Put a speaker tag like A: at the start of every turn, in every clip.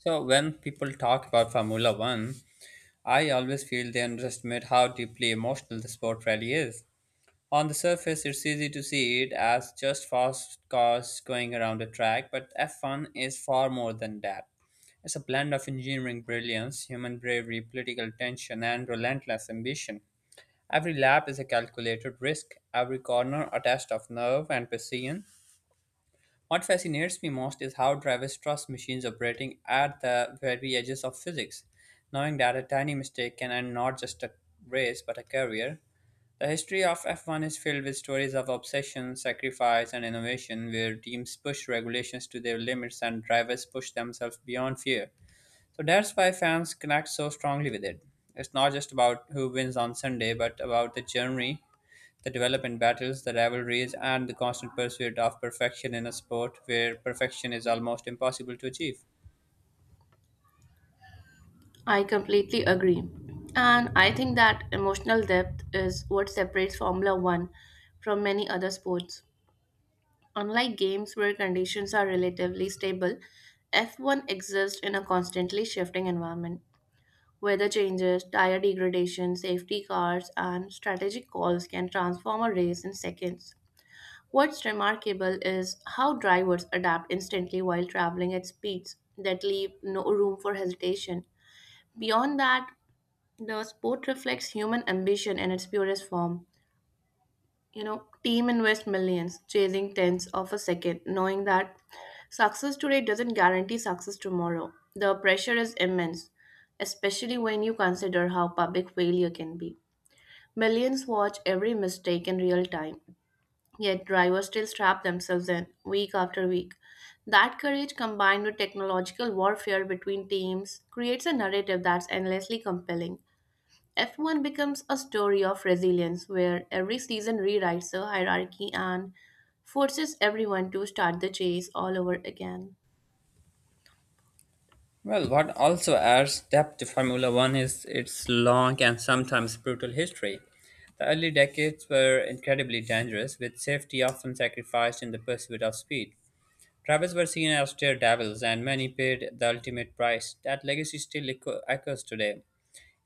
A: So when people talk about Formula One, I always feel they underestimate how deeply emotional the sport really is. On the surface, it's easy to see it as just fast cars going around a track, but F1 is far more than that. It's a blend of engineering brilliance, human bravery, political tension, and relentless ambition. Every lap is a calculated risk, every corner a test of nerve and precision, what fascinates me most is how drivers trust machines operating at the very edges of physics, knowing that a tiny mistake can end not just a race but a career. The history of F1 is filled with stories of obsession, sacrifice, and innovation where teams push regulations to their limits and drivers push themselves beyond fear. So that's why fans connect so strongly with it. It's not just about who wins on Sunday, but about the journey, the development battles, the rivalries, and the constant pursuit of perfection in a sport where perfection is almost impossible to achieve.
B: I completely agree. And I think that emotional depth is what separates Formula One from many other sports. Unlike games where conditions are relatively stable, F1 exists in a constantly shifting environment. Weather changes, tire degradation, safety cars, and strategic calls can transform a race in seconds. What's remarkable is how drivers adapt instantly while traveling at speeds that leave no room for hesitation. Beyond that, the sport reflects human ambition in its purest form. Team invest millions, chasing tenths of a second, knowing that success today doesn't guarantee success tomorrow. The pressure is immense, especially when you consider how public failure can be. Millions watch every mistake in real time, yet drivers still strap themselves in week after week. That courage combined with technological warfare between teams creates a narrative that's endlessly compelling. F1 becomes a story of resilience where every season rewrites the hierarchy and forces everyone to start the chase all over again.
A: Well, what also adds depth to Formula One is its long and sometimes brutal history. The early decades were incredibly dangerous, with safety often sacrificed in the pursuit of speed. Drivers were seen as daredevils, and many paid the ultimate price. That legacy still echoes today.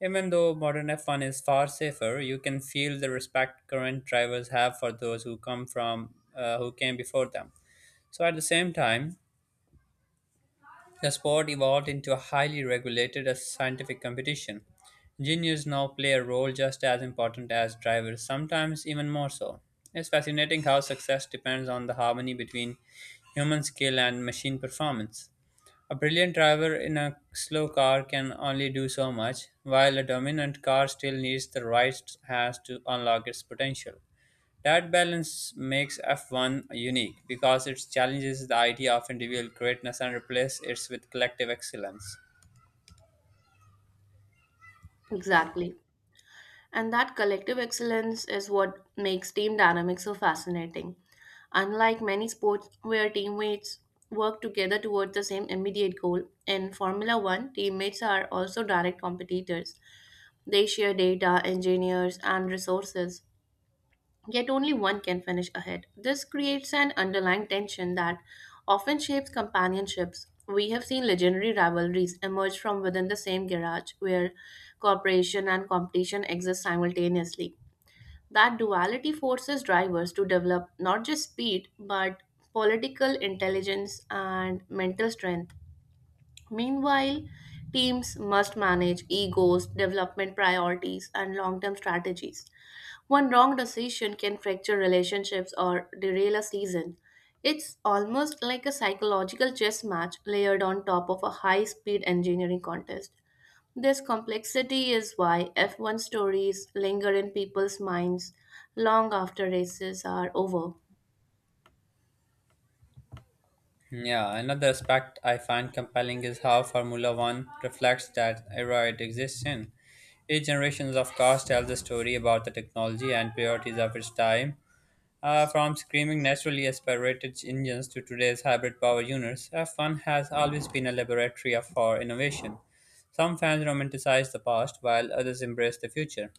A: Even though modern F1 is far safer, you can feel the respect current drivers have for those who come from who came before them. So at the same time, the sport evolved into a highly regulated and scientific competition. Engineers now play a role just as important as drivers, sometimes even more so. It's fascinating how success depends on the harmony between human skill and machine performance. A brilliant driver in a slow car can only do so much, while a dominant car still needs the right hands to unlock its potential. That balance makes F1 unique because it challenges the idea of individual greatness and replaces it with collective excellence.
B: Exactly. And that collective excellence is what makes team dynamics so fascinating. Unlike many sports where teammates work together toward the same immediate goal, in Formula One, teammates are also direct competitors. They share data, engineers, and resources, yet only one can finish ahead. This creates an underlying tension that often shapes companionships. We have seen legendary rivalries emerge from within the same garage where cooperation and competition exist simultaneously. That duality forces drivers to develop not just speed but political intelligence and mental strength. Meanwhile, teams must manage egos, development priorities, and long term strategies. One wrong decision can fracture relationships or derail a season. It's almost like a psychological chess match layered on top of a high speed engineering contest. This complexity is why F1 stories linger in people's minds long after races are over.
A: Yeah, another aspect I find compelling is how Formula One reflects that era it exists in. Each generation of cars tells a story about the technology and priorities of its time. From screaming naturally aspirated engines to today's hybrid power units, F1 has always been a laboratory for innovation. Some fans romanticize the past while others embrace the future.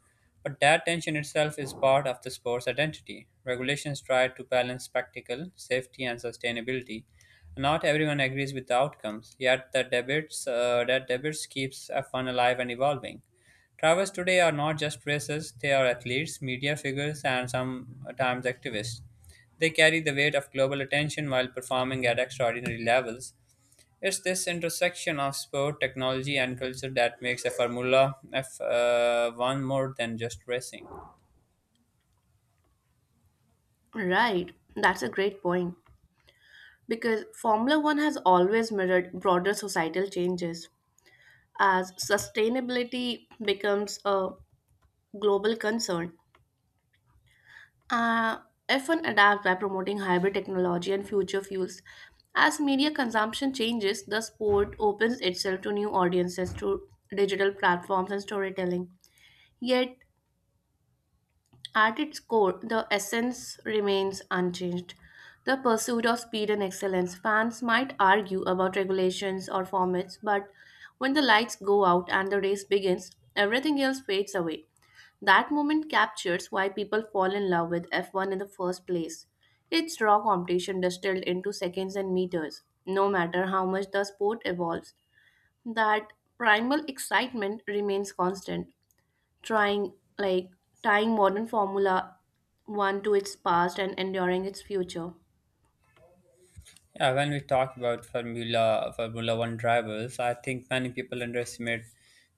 A: But that tension itself is part of the sport's identity. Regulations try to balance spectacle, safety, and sustainability. Not everyone agrees with the outcomes, yet the debates keeps F1 alive and evolving. Drivers today are not just racers, they are athletes, media figures, and sometimes activists. They carry the weight of global attention while performing at extraordinary levels. It's this intersection of sport, technology, and culture that makes a Formula F One more than just racing.
B: Right, that's a great point, because Formula One has always mirrored broader societal changes as sustainability becomes a global concern. Uh, F1 adapts by promoting hybrid technology and future fuels. As media consumption changes, the sport opens itself to new audiences through digital platforms and storytelling. Yet, at its core, the essence remains unchanged: the pursuit of speed and excellence. Fans might argue about regulations or formats, but when the lights go out and the race begins, everything else fades away. That moment captures why people fall in love with F1 in the first place. It's raw competition distilled into seconds and meters. No matter how much the sport evolves, that primal excitement remains constant, trying like tying modern formula 1 to its past and enduring its future.
A: Yeah, when we talk about Formula One drivers, I think many people underestimate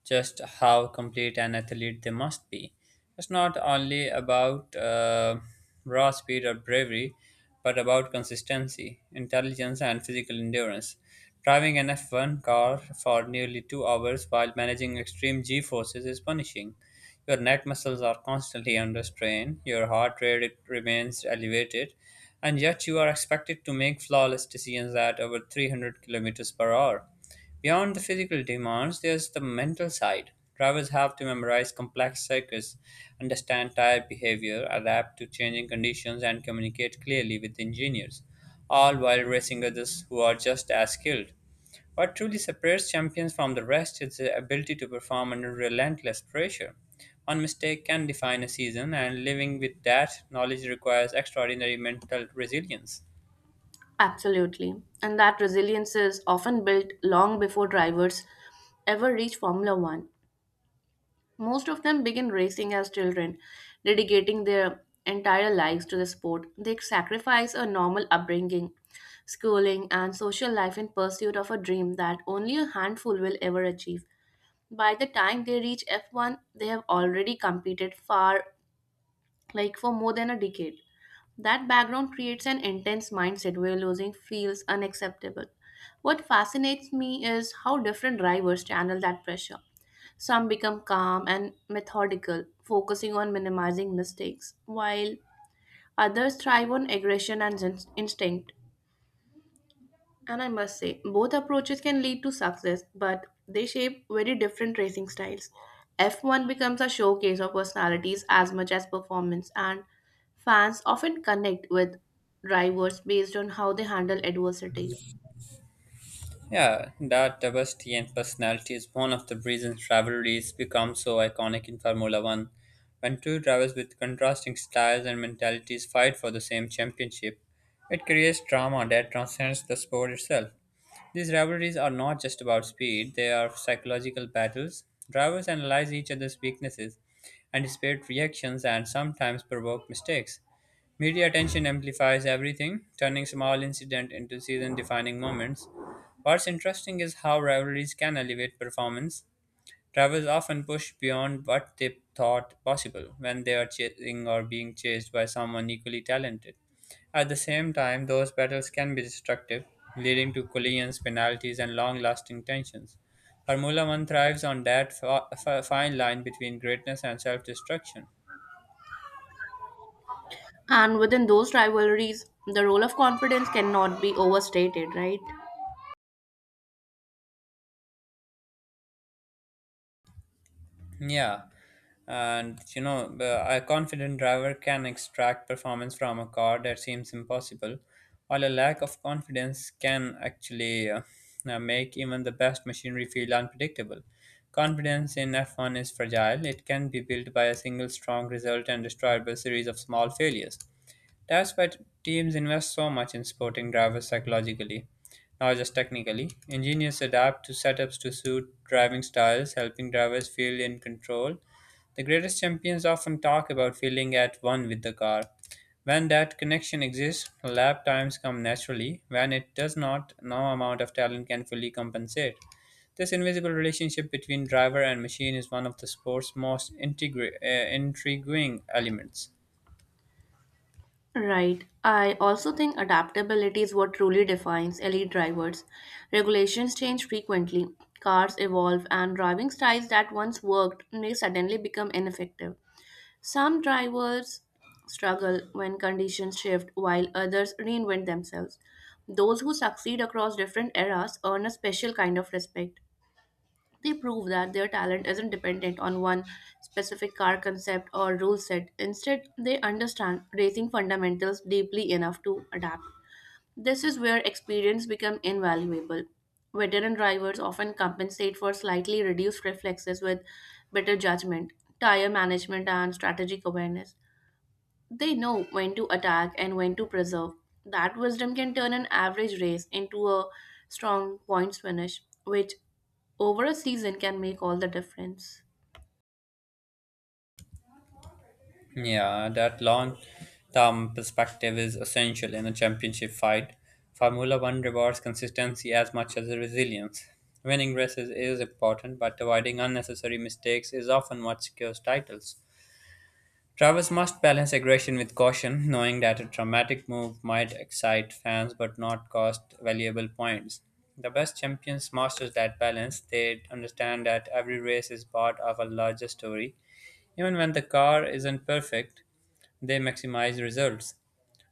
A: just how complete an athlete they must be. It's not only about raw speed or bravery, but about consistency, intelligence, and physical endurance. Driving an F1 car for nearly 2 hours while managing extreme G forces is punishing. Your neck muscles are constantly under strain, your heart rate it remains elevated, and yet you are expected to make flawless decisions at over 300 kilometers per hour. Beyond the physical demands, there's the mental side. Drivers have to memorize complex circuits, understand tire behavior, adapt to changing conditions, and communicate clearly with engineers, all while racing others who are just as skilled. What truly separates champions from the rest is their ability to perform under relentless pressure. One mistake can define a season, and living with that knowledge requires extraordinary mental resilience.
B: Absolutely, and that resilience is often built long before drivers ever reach formula 1. Most of them begin racing as children, dedicating their entire lives to the sport. They sacrifice a normal upbringing, schooling and social life in pursuit of a dream that only a handful will ever achieve. By the time they reach F1, they have already competed far like for more than a decade. That background creates an intense mindset where losing feels unacceptable. What fascinates me is how different drivers channel that pressure. Some become calm and methodical, focusing on minimizing mistakes, while others thrive on aggression and instinct. And I must say, both approaches can lead to success, but they shape very different racing styles. F1 becomes a showcase of personalities as much as performance, and fans often connect with drivers based on how they handle adversity.
A: Yeah, that diversity and personality is one of the reasons rivalries become so iconic in Formula One. When two drivers with contrasting styles and mentalities fight for the same championship, it creates drama that transcends the sport itself. These rivalries are not just about speed, they are psychological battles. Drivers analyze each other's weaknesses, anticipate reactions, and sometimes provoke mistakes. Media attention amplifies everything, turning small incidents into season defining moments. What's interesting is how rivalries can elevate performance. Drivers often push beyond what they thought possible when they are chasing or being chased by someone equally talented. At the same time, those battles can be destructive, leading to collisions, penalties, and long lasting tensions. Formula One thrives on that fine line between greatness and self destruction.
B: And within those rivalries, the role of confidence cannot be overstated, right?
A: Yeah, and a confident driver can extract performance from a car that seems impossible, while a lack of confidence can actually make even the best machinery feel unpredictable. Confidence in F1 is fragile, it can be built by a single strong result and destroyed by a series of small failures. That's why teams invest so much in supporting drivers psychologically, not just technically. Engineers adapt to setups to suit driving styles, helping drivers feel in control. The greatest champions often talk about feeling at one with the car. When that connection exists, lap times come naturally. When it does not, no amount of talent can fully compensate. This invisible relationship between driver and machine is one of the sport's most intriguing elements.
B: Right. I also think adaptability is what truly defines elite drivers. Regulations change frequently, cars evolve, and driving styles that once worked may suddenly become ineffective. Some drivers struggle when conditions shift, while others reinvent themselves. Those who succeed across different eras earn a special kind of respect. They prove that their talent isn't dependent on one specific car concept or rule set. Instead, they understand racing fundamentals deeply enough to adapt. This is where experience becomes invaluable. Veteran drivers often compensate for slightly reduced reflexes with better judgment, tire management, and strategic awareness. They know when to attack and when to preserve. That wisdom can turn an average race into a strong points finish, which over a season can make all the difference.
A: Yeah, that long term perspective is essential in a championship fight. Formula One rewards consistency as much as resilience. Winning races is important, but avoiding unnecessary mistakes is often what secures titles. Travis must balance aggression with caution, knowing that a dramatic move might excite fans but not cost valuable points. The best champions master that balance. They understand that every race is part of a larger story. Even when the car isn't perfect, they maximize results.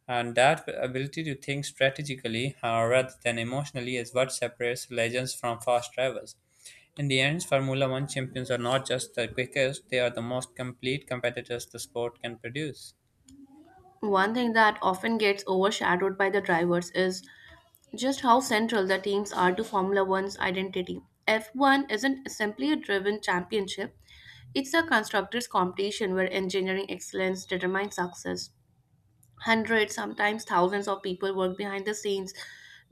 A: And that ability to think strategically rather than emotionally is what separates legends from fast drivers. In the end, Formula One champions are not just the quickest, they are the most complete competitors the sport can produce.
B: One thing that often gets overshadowed by the drivers is just how central the teams are to Formula One's identity. F1 isn't simply a driven championship, it's a constructors' competition where engineering excellence determines success. Hundreds, sometimes thousands of people work behind the scenes,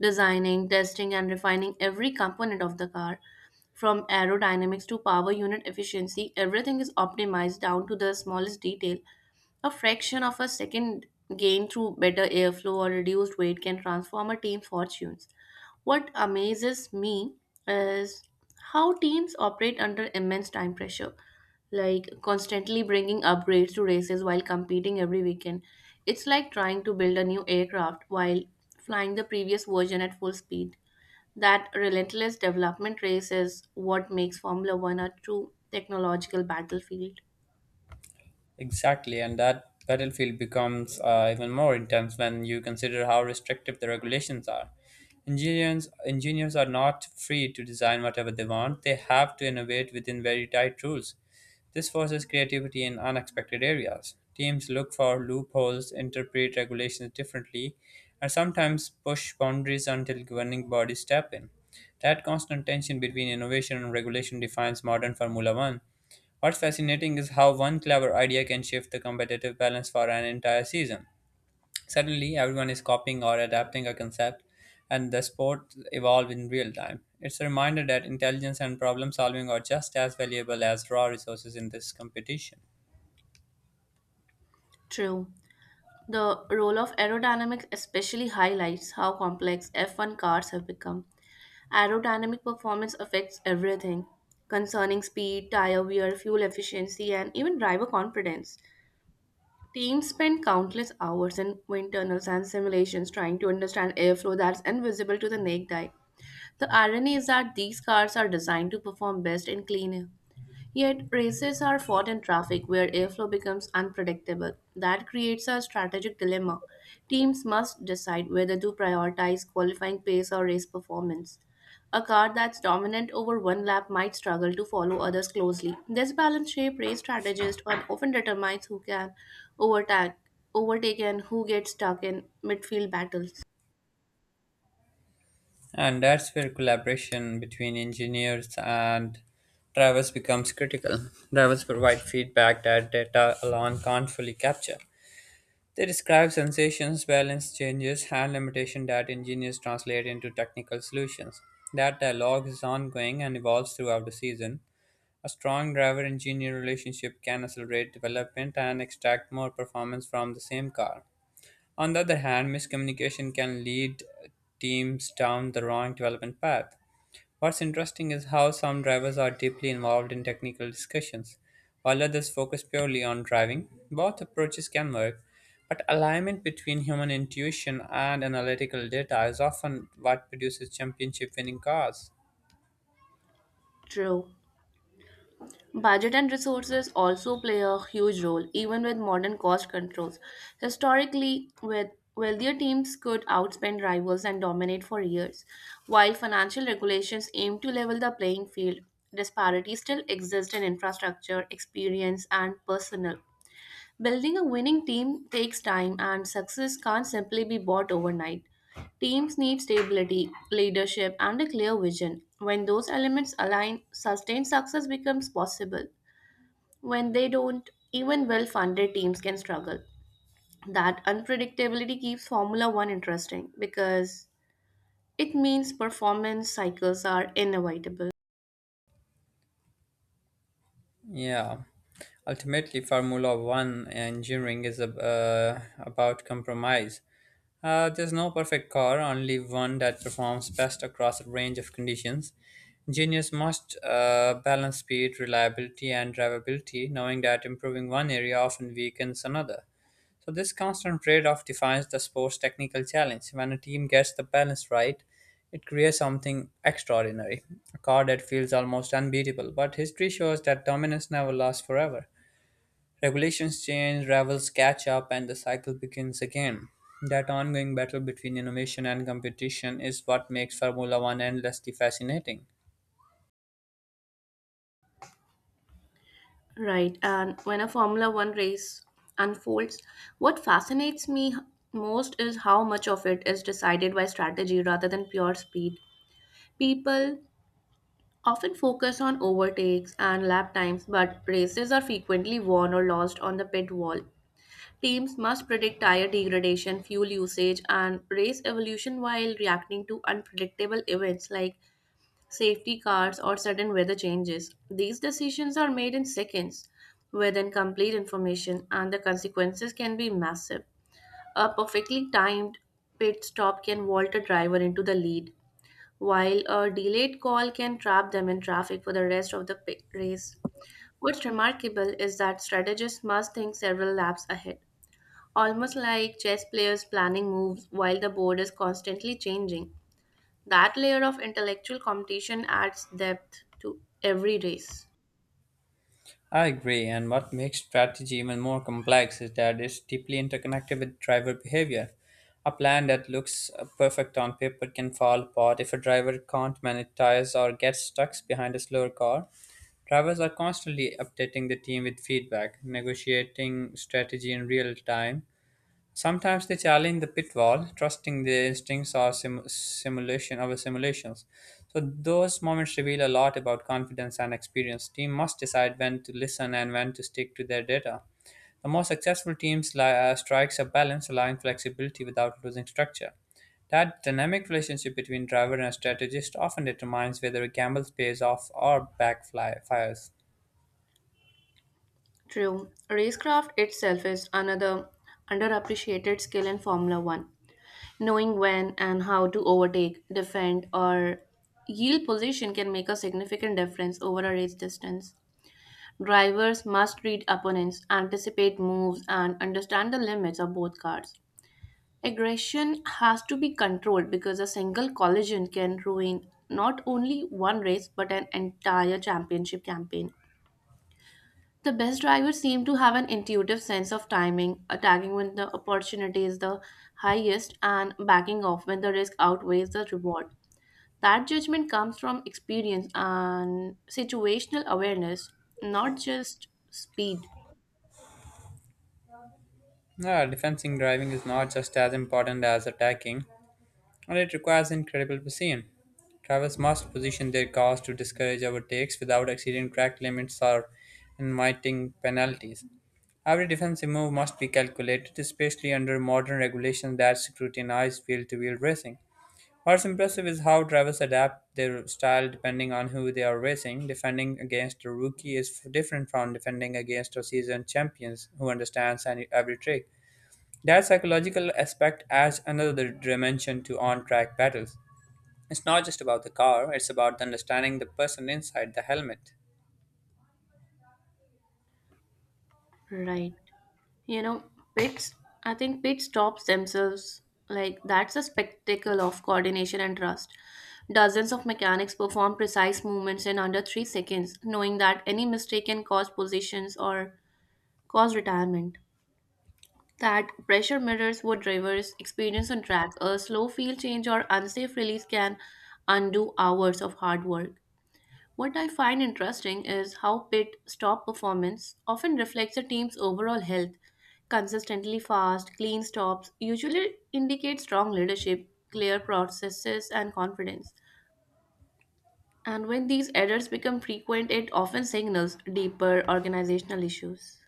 B: designing, testing, and refining every component of the car. From aerodynamics to power unit efficiency, everything is optimized down to the smallest detail. A fraction of a second gain through better airflow or reduced weight can transform a team's fortunes. What amazes me is how teams operate under immense time pressure, like constantly bringing upgrades to races while competing every weekend. It's like trying to build a new aircraft while flying the previous version at full speed. That relentless development race is what makes Formula One a true technological battlefield.
A: Exactly, and that battlefield becomes even more intense when you consider how restrictive the regulations are. Engineers are not free to design whatever they want, they have to innovate within very tight rules. This forces creativity in unexpected areas. Teams look for loopholes, interpret regulations differently, and sometimes push boundaries until governing bodies step in. That constant tension between innovation and regulation defines modern Formula One. What's fascinating is how one clever idea can shift the competitive balance for an entire season. Suddenly, everyone is copying or adapting a concept, and the sport evolves in real time. It's a reminder that intelligence and problem solving are just as valuable as raw resources in this competition.
B: True. The role of aerodynamics especially highlights how complex F1 cars have become. Aerodynamic performance affects everything concerning speed, tire wear, fuel efficiency, and even driver confidence. Teams spend countless hours in wind tunnels and simulations trying to understand airflow that's invisible to the naked eye. The irony is that these cars are designed to perform best in clean air, yet races are fought in traffic where airflow becomes unpredictable. That creates a strategic dilemma. Teams must decide whether to prioritize qualifying pace or race performance. A car that's dominant over one lap might struggle to follow others closely. This balance shape race strategist and often determines who can overtake, overtake and who gets stuck in midfield battles.
A: And that's where collaboration between engineers and drivers becomes critical. Drivers provide feedback that data alone can't fully capture. They describe sensations, balance changes, and limitation that engineers translate into technical solutions. That dialogue is ongoing and evolves throughout the season. A strong driver engineer relationship can accelerate development and extract more performance from the same car. On the other hand, miscommunication can lead teams down the wrong development path. What's interesting is how some drivers are deeply involved in technical discussions, while others focus purely on driving. Both approaches can work, but alignment between human intuition and analytical data is often what produces championship winning cars.
B: True. Budget and resources also play a huge role, even with modern cost controls. Historically, with wealthier teams could outspend rivals and dominate for years, while financial regulations aim to level the playing field. Disparities still exist in infrastructure, experience, and personnel. Building a winning team takes time, and success can't simply be bought overnight. Teams need stability, leadership, and a clear vision. When those elements align, sustained success becomes possible. When they don't, even well funded teams can struggle. That unpredictability keeps Formula One interesting because it means performance cycles are inevitable.
A: Yeah. Ultimately, Formula One engineering is about compromise. There's no perfect car, only one that performs best across a range of conditions. Engineers must balance speed, reliability, and drivability, knowing that improving one area often weakens another. So this constant trade-off defines the sport's technical challenge. When a team gets the balance right, it creates something extraordinary, a car that feels almost unbeatable. But history shows that dominance never lasts forever. Regulations change, rivals catch up, and the cycle begins again. That ongoing battle between innovation and competition is what makes Formula One endlessly fascinating.
B: Right, and when a Formula One race unfolds, what fascinates me most is how much of it is decided by strategy rather than pure speed. People often focus on overtakes and lap times, but races are frequently won or lost on the pit wall. Teams must predict tire degradation, fuel usage, and race evolution while reacting to unpredictable events like safety cars or sudden weather changes. These decisions are made in seconds with incomplete information, and the consequences can be massive. A perfectly timed pit stop can vault a driver into the lead, while a delayed call can trap them in traffic for the rest of the race. What's remarkable is that strategists must think several laps ahead, almost like chess players planning moves while the board is constantly changing. That layer of intellectual competition adds depth to every race.
A: I agree, and what makes strategy even more complex is that it's deeply interconnected with driver behavior. A plan that looks perfect on paper can fall apart if a driver can't manage tires or gets stuck behind a slower car. Drivers are constantly updating the team with feedback, negotiating strategy in real time. Sometimes they challenge the pit wall, trusting their instincts or simulation of simulations. So those moments reveal a lot about confidence and experience. Team must decide when to listen and when to stick to their data. The most successful teams strikes a balance, allowing flexibility without losing structure. That dynamic relationship between driver and strategist often determines whether a gamble pays off or backfires.
B: True. Racecraft itself is another underappreciated skill in Formula 1. Knowing when and how to overtake, defend, or yield position can make a significant difference over a race distance. Drivers must read opponents, anticipate moves, and understand the limits of both cars. Aggression has to be controlled because a single collision can ruin not only one race but an entire championship campaign. The best drivers seem to have an intuitive sense of timing, attacking when the opportunity is the highest and backing off when the risk outweighs the reward. That judgment comes from experience and situational awareness, not just speed.
A: Yeah, defensive driving is not just as important as attacking, and it requires incredible precision. Drivers must position their cars to discourage overtakes without exceeding track limits or inviting penalties. Every defensive move must be calculated, especially under modern regulations that scrutinize wheel to wheel racing. What's impressive is how drivers adapt their style depending on who they are racing. Defending against a rookie is different from defending against a seasoned champion who understands every trick. That psychological aspect adds another dimension to on track battles. It's not just about the car, it's about understanding the person inside the helmet.
B: Right. You know, pits, I think pit stops themselves, like, that's a spectacle of coordination and trust. Dozens of mechanics perform precise movements in under 3 seconds, knowing that any mistake can cause positions or cause retirement. That pressure mirrors what drivers experience on track. A slow field change or unsafe release can undo hours of hard work. What I find interesting is how pit stop performance often reflects a team's overall health. Consistently fast, clean stops usually indicate strong leadership, clear processes, and confidence. And when these errors become frequent, it often signals deeper organizational issues.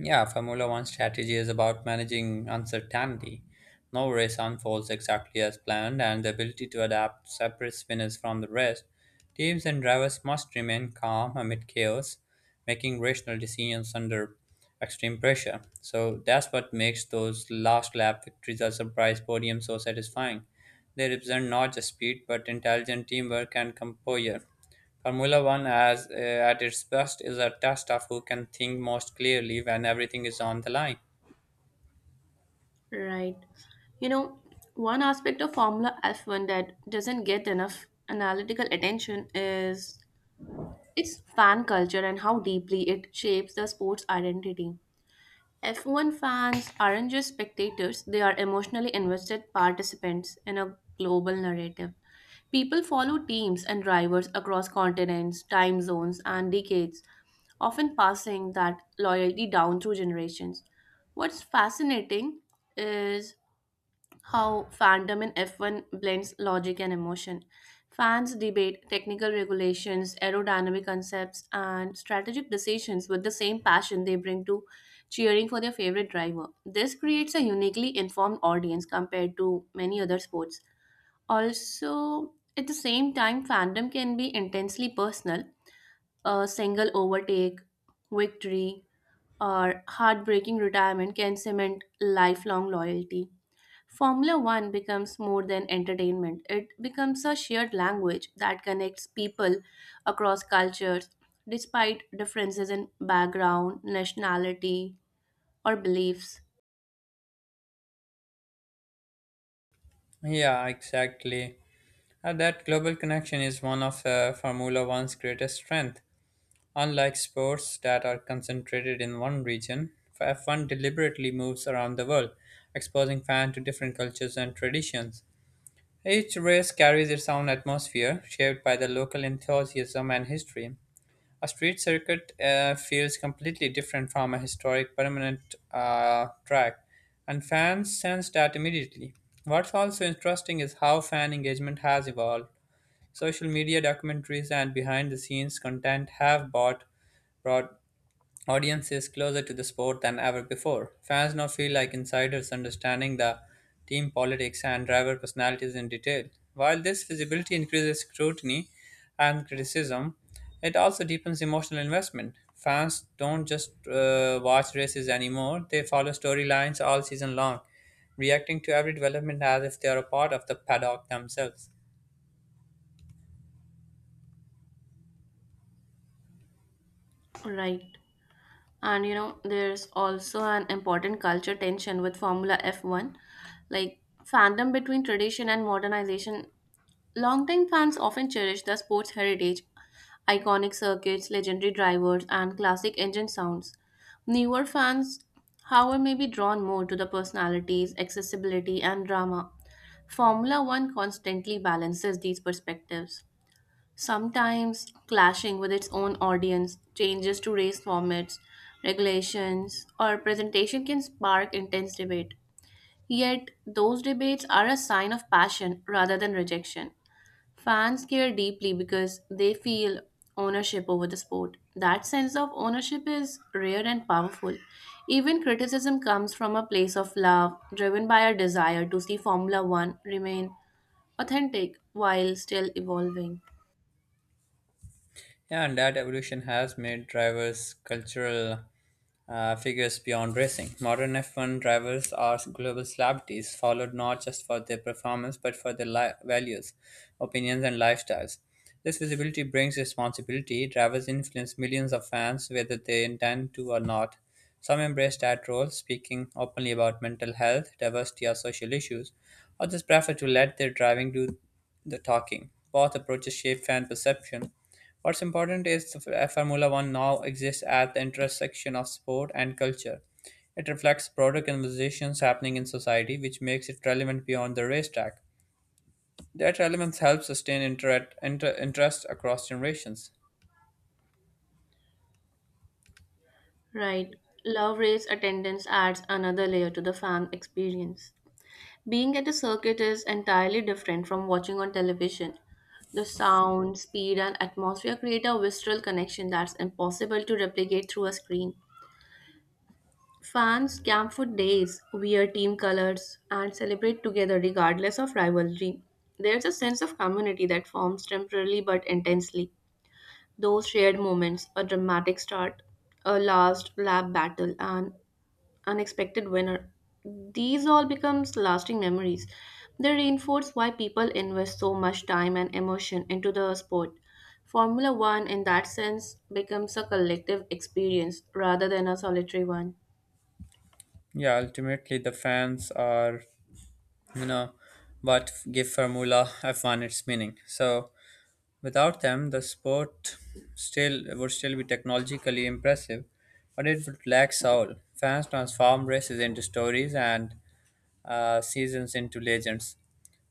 A: Yeah, Formula One strategy is about managing uncertainty. No race unfolds exactly as planned, and the ability to adapt separates winners from the rest. Teams and drivers must remain calm amid chaos, making rational decisions under extreme pressure. So that's what makes those last lap victories or surprise podiums so satisfying. They represent not just speed, but intelligent teamwork and composure. Formula One, as at its best, is a test of who can think most clearly when everything is on the line.
B: Right. You know, one aspect of Formula F1 that doesn't get enough analytical attention is its fan culture and how deeply it shapes the sport's identity. F1 fans aren't just spectators, they are emotionally invested participants in a global narrative. People follow teams and drivers across continents, time zones, and decades, often passing that loyalty down through generations. What's fascinating is how fandom in F1 blends logic and emotion. Fans debate technical regulations, aerodynamic concepts, and strategic decisions with the same passion they bring to cheering for their favorite driver. This creates a uniquely informed audience compared to many other sports. Also, at the same time, fandom can be intensely personal. A single overtake, victory, or heartbreaking retirement can cement lifelong loyalty. Formula One becomes more than entertainment, it becomes a shared language that connects people across cultures despite differences in background, nationality, or beliefs.
A: Yeah, exactly. And that global connection is one of Formula One's greatest strength. Unlike sports that are concentrated in one region, F1 deliberately moves around the world, exposing fans to different cultures and traditions. Each race carries its own atmosphere, shaped by the local enthusiasm and history. A street circuit feels completely different from a historic permanent track, and fans sense that immediately. What's also interesting is how fan engagement has evolved. Social media documentaries and behind the scenes content have brought audience is closer to the sport than ever before. Fans now feel like insiders understanding the team politics and driver personalities in detail. While this visibility increases scrutiny and criticism, it also deepens emotional investment. Fans don't just watch races anymore, they follow storylines all season long, reacting to every development as if they are a part of the paddock themselves.
B: Right. And there's also an important culture tension with Formula F1, like fandom between tradition and modernization. Longtime fans often cherish the sport's heritage, iconic circuits, legendary drivers, and classic engine sounds. Newer fans, however, may be drawn more to the personalities, accessibility, and drama. Formula One constantly balances these perspectives, sometimes clashing with its own audience. Changes to race formats, regulations, or presentation can spark intense debate. Yet, those debates are a sign of passion rather than rejection. Fans care deeply because they feel ownership over the sport. That sense of ownership is rare and powerful. Even criticism comes from a place of love, driven by a desire to see Formula One remain authentic while still evolving.
A: Yeah, and that evolution has made drivers cultural figures beyond racing. Modern F1 drivers are global celebrities, followed not just for their performance but for their values, opinions, and lifestyles. This visibility brings responsibility. Drivers influence millions of fans whether they intend to or not. Some embrace that role, speaking openly about mental health, diversity, or social issues. Others prefer to let their driving do the talking. Both approaches shape fan perception. What's important is Formula One now exists at the intersection of sport and culture. It reflects broader conversations happening in society, which makes it relevant beyond the racetrack. That relevance helps sustain interest across generations.
B: Right. Love race attendance adds another layer to the fan experience. Being at a circuit is entirely different from watching on television. The sound, speed, and atmosphere create a visceral connection that's impossible to replicate through a screen. Fans camp for days, wear team colors, and celebrate together regardless of rivalry. There's a sense of community that forms temporarily but intensely. Those shared moments, a dramatic start, a last lap battle, and unexpected winner. These all becomes lasting memories. They reinforce why people invest so much time and emotion into the sport. Formula 1, in that sense, becomes a collective experience rather than a solitary one.
A: Yeah, ultimately, the fans are, you know, what give Formula F1 its meaning. So, without them, the sport still be technologically impressive, but it would lack soul. Fans transform races into stories and seasons into legends.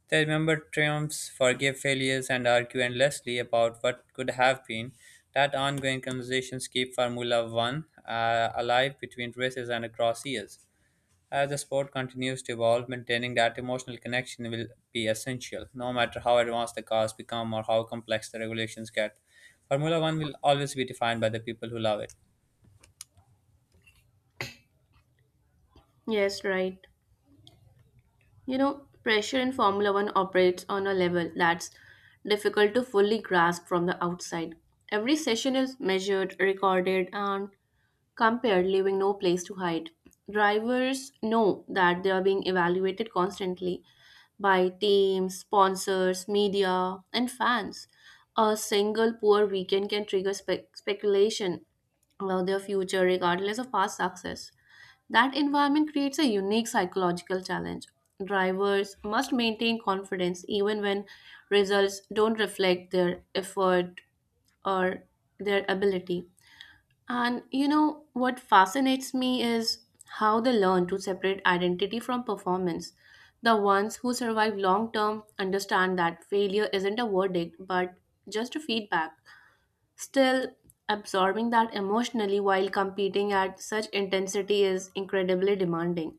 A: They remember triumphs, forgive failures, and argue endlessly about what could have been. That ongoing conversations keep Formula One alive between races and across years. As the sport continues to evolve, maintaining that emotional connection will be essential, no matter how advanced the cars become or how complex the regulations get. Formula One will always be defined by the people who love it.
B: Yes, right. Pressure in Formula 1 operates on a level that's difficult to fully grasp from the outside. Every session is measured, recorded and compared, leaving no place to hide. Drivers know that they are being evaluated constantly by teams, sponsors, media, and fans. A single poor weekend can trigger speculation about their future, regardless of past success. That environment creates a unique psychological challenge. Drivers must maintain confidence even when results don't reflect their effort or their ability. And you know what fascinates me is how they learn to separate identity from performance. The ones who survive long term understand that failure isn't a verdict but just a feedback. Still, absorbing that emotionally while competing at such intensity is incredibly demanding.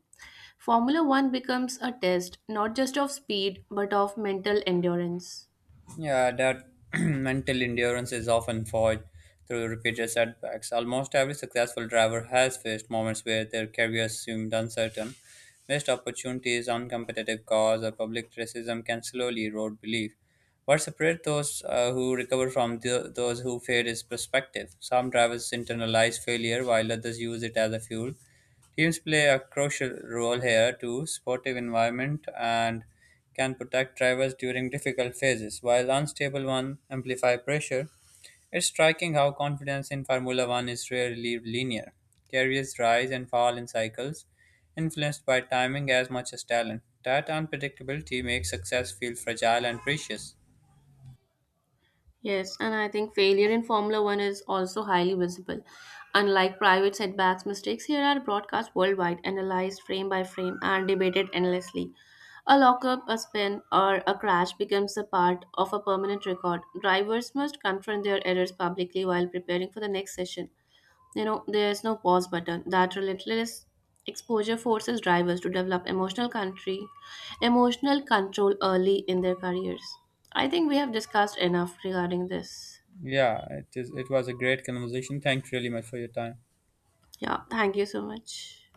B: Formula One becomes a test not just of speed but of mental endurance.
A: Yeah, that mental endurance is often forged through repeated setbacks. Almost every successful driver has faced moments where their career seemed uncertain. Missed opportunities, uncompetitive cars, or public criticism can slowly erode belief. What separates those who recover from those who fail is perspective. Some drivers internalize failure while others use it as a fuel. Teams play a crucial role here too, supportive environment and can protect drivers during difficult phases, while unstable ones amplify pressure. It's striking how confidence in Formula One is rarely linear. Carriers rise and fall in cycles, influenced by timing as much as talent. That unpredictability makes success feel fragile and precious.
B: Yes, and I think failure in Formula One is also highly visible. Unlike private setbacks, mistakes here are broadcast worldwide, analyzed frame by frame, and debated endlessly. A lockup, a spin, or a crash becomes a part of a permanent record. Drivers must confront their errors publicly while preparing for the next session. There's no pause button. That relentless exposure forces drivers to develop emotional control early in their careers. I think we have discussed enough regarding this.
A: Yeah, it is. It was a great conversation. Thanks really much for your time.
B: Yeah, thank you so much.